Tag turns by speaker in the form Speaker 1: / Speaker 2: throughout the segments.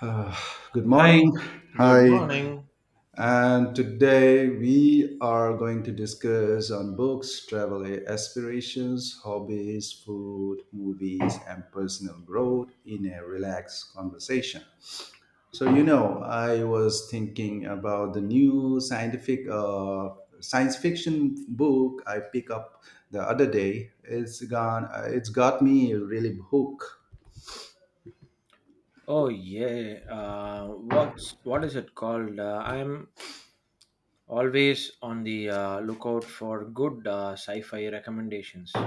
Speaker 1: Uh, Good morning.
Speaker 2: Hi, good
Speaker 1: Hi.
Speaker 2: morning.
Speaker 1: And today we are going to discuss on books, travel aspirations, hobbies, food, movies, and personal growth in a relaxed conversation. So I was thinking about the new scientific science fiction book I picked up the other day. It's gone. It's got me really hooked.
Speaker 2: Oh yeah, what is it called? I'm always on the lookout for good sci-fi recommendations.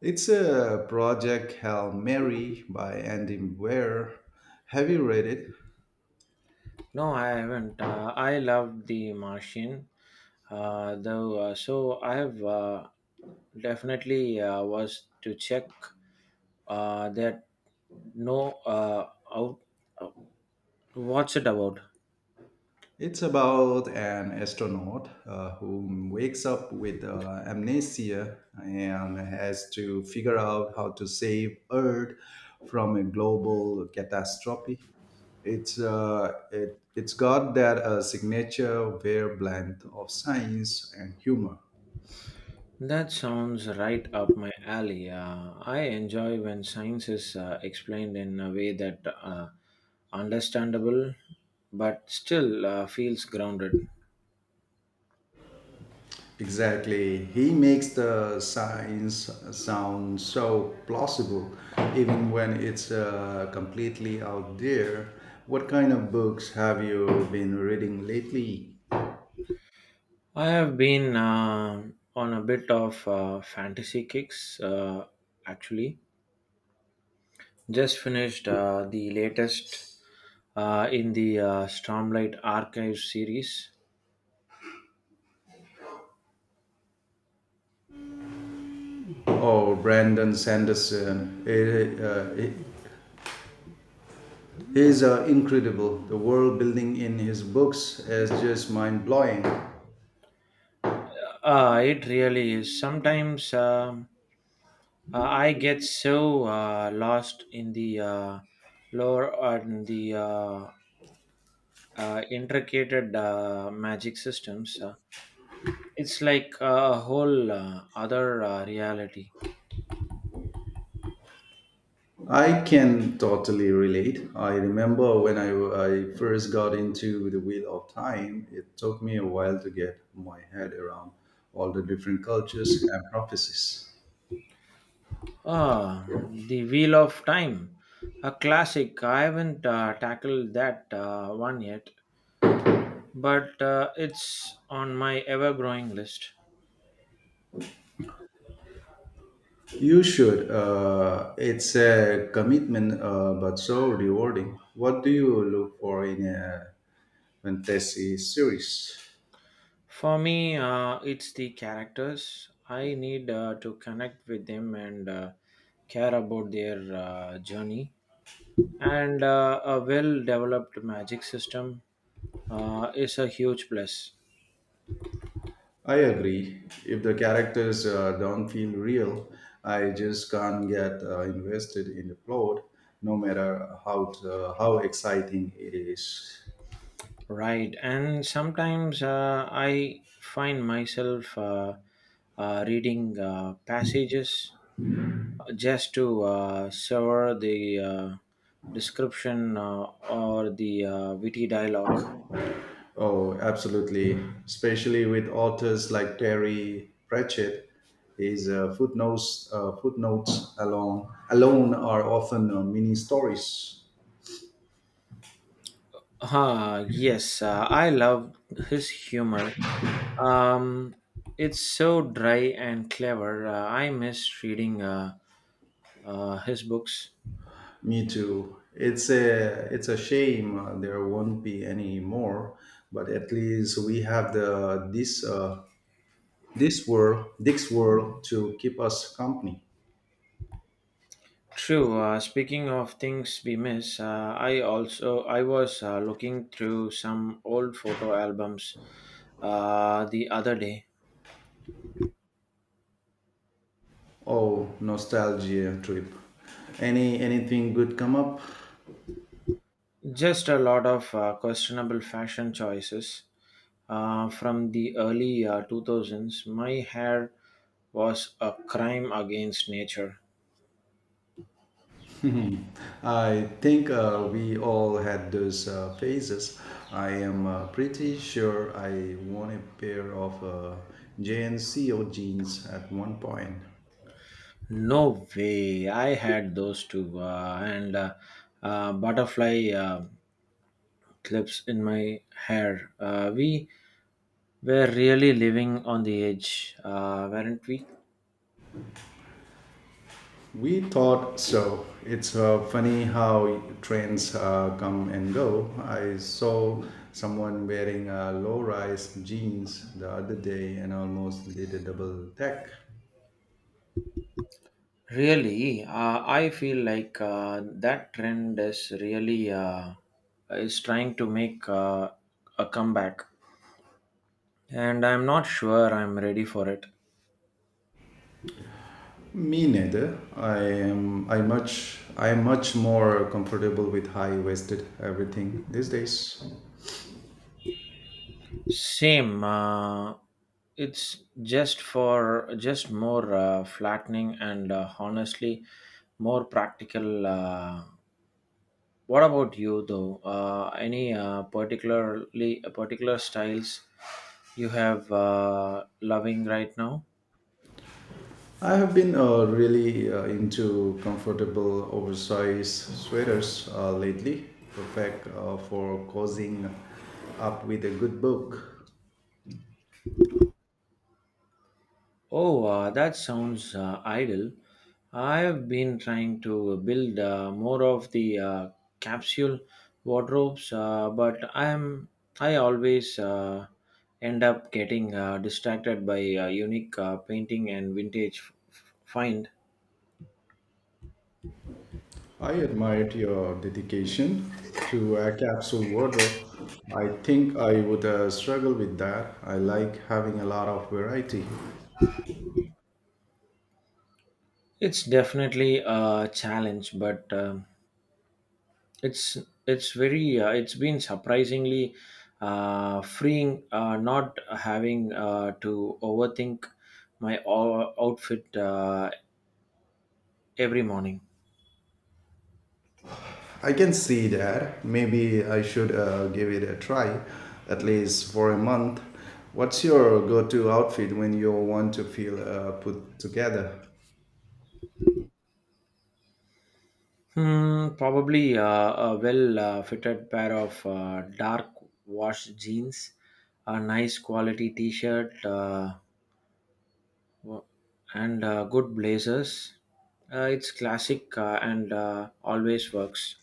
Speaker 1: It's a Project Hail Mary by Andy Weir. Have you read it?
Speaker 2: No, I haven't. I loved The Martian, though. So I have definitely was to check that. No, out. uh, What's it about?
Speaker 1: It's about an astronaut who wakes up with amnesia and has to figure out how to save Earth from a global catastrophe. It's got that signature Weir blend of science and humor.
Speaker 2: That sounds right up my alley. I enjoy when science is explained in a way that understandable but still feels grounded.
Speaker 1: Exactly. He makes the science sound so plausible, even when it's completely out there. What kind of books have you been reading lately?
Speaker 2: I have been on a bit of fantasy kicks actually. Just finished the latest in the Stormlight Archive series.
Speaker 1: Oh, Brandon Sanderson. He's incredible. The world building in his books is just mind blowing.
Speaker 2: It really is. Sometimes I get so lost in the lore and the intricate magic systems. It's like a whole other reality.
Speaker 1: I can totally relate. I remember when I first got into the Wheel of Time, it took me a while to get my head around all the different cultures and prophecies.
Speaker 2: Ah, the Wheel of Time, a classic. I haven't tackled that one yet, but it's on my ever growing list.
Speaker 1: You should. It's a commitment, but so rewarding. What do you look for in a fantasy series?
Speaker 2: For me, it's the characters. I need to connect with them and care about their journey. And a well developed magic system is a huge plus.
Speaker 1: I agree. If the characters don't feel real, I just can't get invested in the plot, no matter how exciting it is.
Speaker 2: Right. And sometimes I find myself reading passages just to savor the description or the witty dialogue.
Speaker 1: Oh, absolutely. Especially with authors like Terry Pratchett, his footnotes alone are often mini stories.
Speaker 2: Ah, yes, I love his humor. Um, it's so dry and clever. I miss reading his books.
Speaker 1: Me too. It's a shame there won't be any more, but at least we have the this. This world, Dick's world, to keep us company.
Speaker 2: True. Speaking of things we miss, I also I was looking through some old photo albums the other day.
Speaker 1: Oh, nostalgia trip. Anything good come up?
Speaker 2: Just a lot of questionable fashion choices from the early 2000s. My hair was a crime against nature.
Speaker 1: I think we all had those phases. I am pretty sure I won a pair of JNCO jeans at one point.
Speaker 2: No way. I had those two and butterfly clips in my hair. We were really living on the edge, weren't we?
Speaker 1: We thought so. It's funny how trends come and go. I saw someone wearing low-rise jeans the other day and almost did a double tech.
Speaker 2: Really, I feel like that trend is really is trying to make a comeback, and I'm not sure I'm ready for it.
Speaker 1: Me neither. I am. I much. I am much more comfortable with high-waisted everything these days.
Speaker 2: Same, it's just for just more flattening and honestly more practical. What about you though? Any particular styles you have loving right now?
Speaker 1: I have been really into comfortable oversized sweaters lately, perfect for cozying up with a good book.
Speaker 2: Oh, that sounds ideal. I have been trying to build more of the capsule wardrobes, but I always end up getting distracted by unique painting and vintage find.
Speaker 1: I admired your dedication to a capsule wardrobe. I think I would struggle with that. I like having a lot of variety.
Speaker 2: It's definitely a challenge, but It's it's very it's been surprisingly freeing not having to overthink my outfit every morning.
Speaker 1: I can see that. Maybe I should give it a try, at least for a month. What's your go to outfit when you want to feel put together?
Speaker 2: Hmm, probably a well fitted pair of dark washed jeans, a nice quality t-shirt, w- and good blazers. It's classic and always works.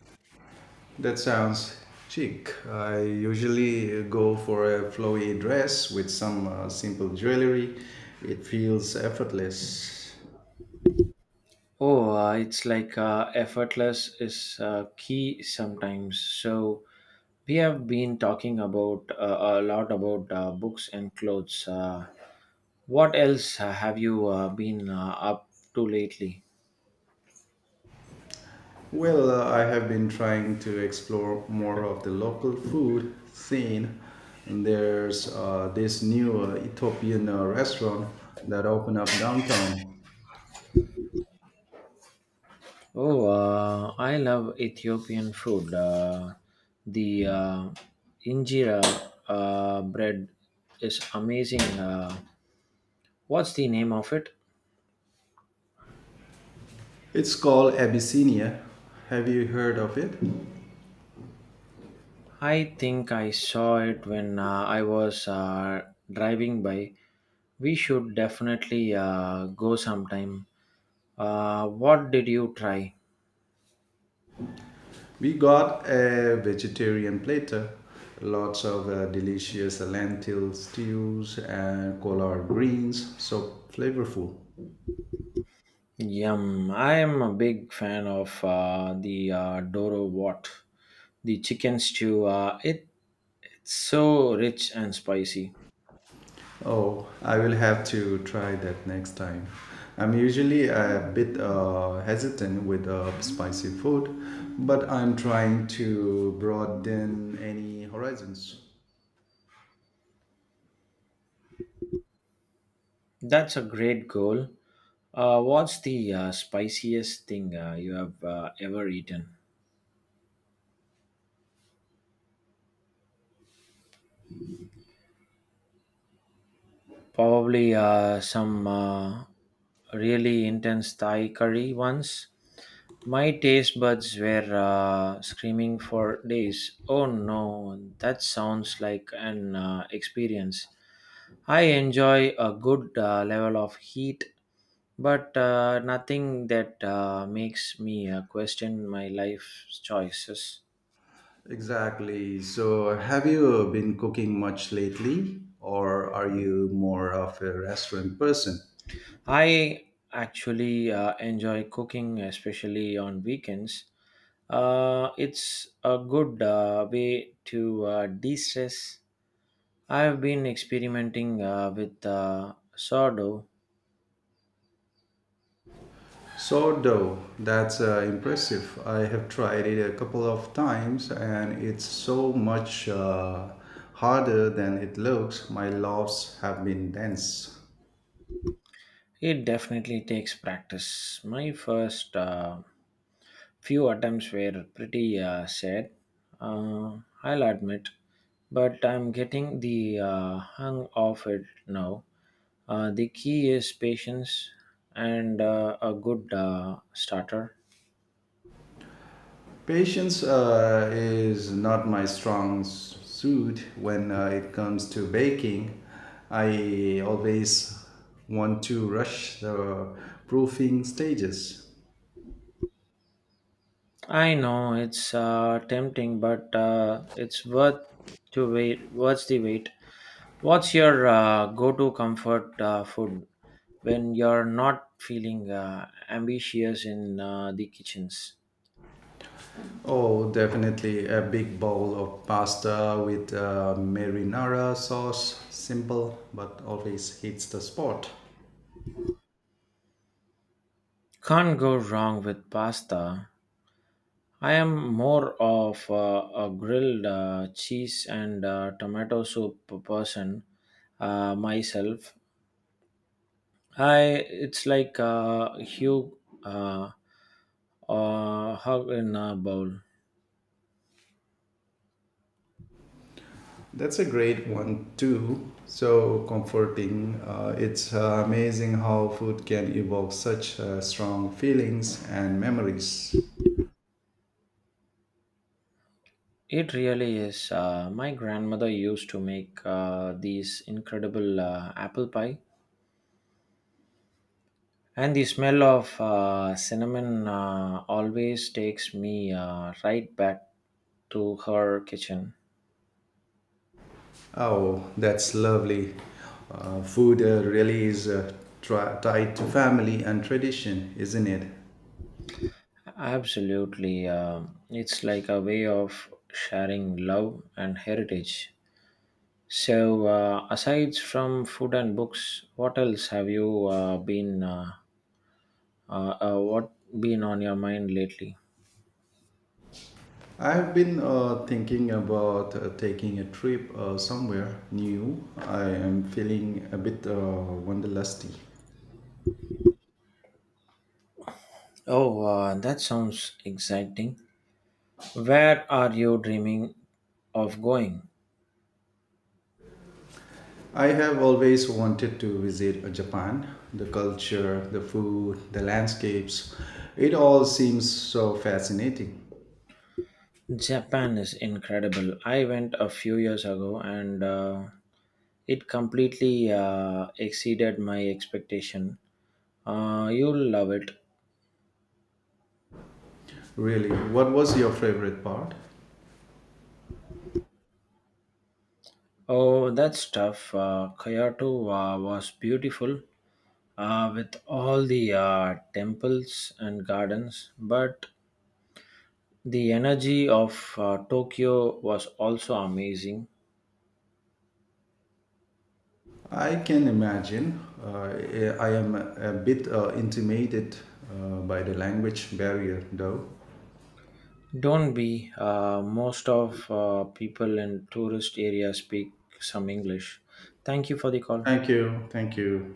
Speaker 1: That sounds chic. I usually go for a flowy dress with some simple jewelry. It feels effortless.
Speaker 2: Oh, it's like effortless is key sometimes. So we have been talking about a lot about books and clothes. What else have you been up to lately?
Speaker 1: Well, I have been trying to explore more of the local food scene. And there's this new Ethiopian restaurant that opened up downtown.
Speaker 2: Oh, I love Ethiopian food. The injera bread is amazing. What's the name of it?
Speaker 1: It's called Abyssinia. Have you heard of it?
Speaker 2: I think I saw it when I was driving by. We should definitely go sometime. What did you try?
Speaker 1: We got a vegetarian platter, lots of delicious lentil stews and collard greens, so flavorful.
Speaker 2: Yum. I am a big fan of the Doro Wat, the chicken stew. It's so rich and spicy.
Speaker 1: Oh, I will have to try that next time. I'm usually a bit hesitant with spicy food, but I'm trying to broaden any horizons.
Speaker 2: That's a great goal. What's the spiciest thing you have ever eaten? Probably some really intense Thai curry once. My taste buds were screaming for days. Oh no, that sounds like an experience. I enjoy a good level of heat, but nothing that makes me question my life's choices.
Speaker 1: Exactly. So, have you been cooking much lately, or are you more of a restaurant person?
Speaker 2: I actually enjoy cooking, especially on weekends. It's a good way to de stress. I've been experimenting with sourdough.
Speaker 1: Sourdough, that's impressive. I have tried it a couple of times and it's so much harder than it looks. My loaves have been dense.
Speaker 2: It definitely takes practice. My first few attempts were pretty sad, uh, I'll admit, but I'm getting the hang of it now. The key is patience and a good starter.
Speaker 1: Patience is not my strong suit when it comes to baking. I always want to rush the proofing stages.
Speaker 2: I know it's tempting, but it's worth to wait. Worth the wait. What's your go-to comfort food when you're not feeling ambitious in the kitchens?
Speaker 1: Oh, definitely a big bowl of pasta with marinara sauce. Simple, but always hits the spot.
Speaker 2: Can't go wrong with pasta. I am more of a grilled cheese and tomato soup person myself. Hi, it's like uh, hug in a bowl.
Speaker 1: That's a great one, too. So comforting. It's amazing how food can evoke such strong feelings and memories.
Speaker 2: It really is. My grandmother used to make these incredible apple pie, and the smell of cinnamon always takes me right back to her kitchen.
Speaker 1: Oh, that's lovely. Food really is tied to family and tradition, isn't it?
Speaker 2: Absolutely, it's like a way of sharing love and heritage. So, aside from food and books, what else have you been what been on your mind lately?
Speaker 1: I've been thinking about taking a trip somewhere new. I am feeling a bit wanderlusty.
Speaker 2: Oh, that sounds exciting. Where are you dreaming of going?
Speaker 1: I have always wanted to visit Japan. The culture, the food, the landscapes, it all seems so fascinating.
Speaker 2: Japan is incredible. I went a few years ago and it completely exceeded my expectation. You'll love it.
Speaker 1: Really, what was your favorite part?
Speaker 2: Oh, that's tough. Kyoto was beautiful, with all the temples and gardens, but the energy of Tokyo was also amazing.
Speaker 1: I can imagine. I am a bit intimidated by the language barrier, though.
Speaker 2: Don't be, most of people in tourist areas speak some English. Thank you for the call.
Speaker 1: Thank you. Thank you.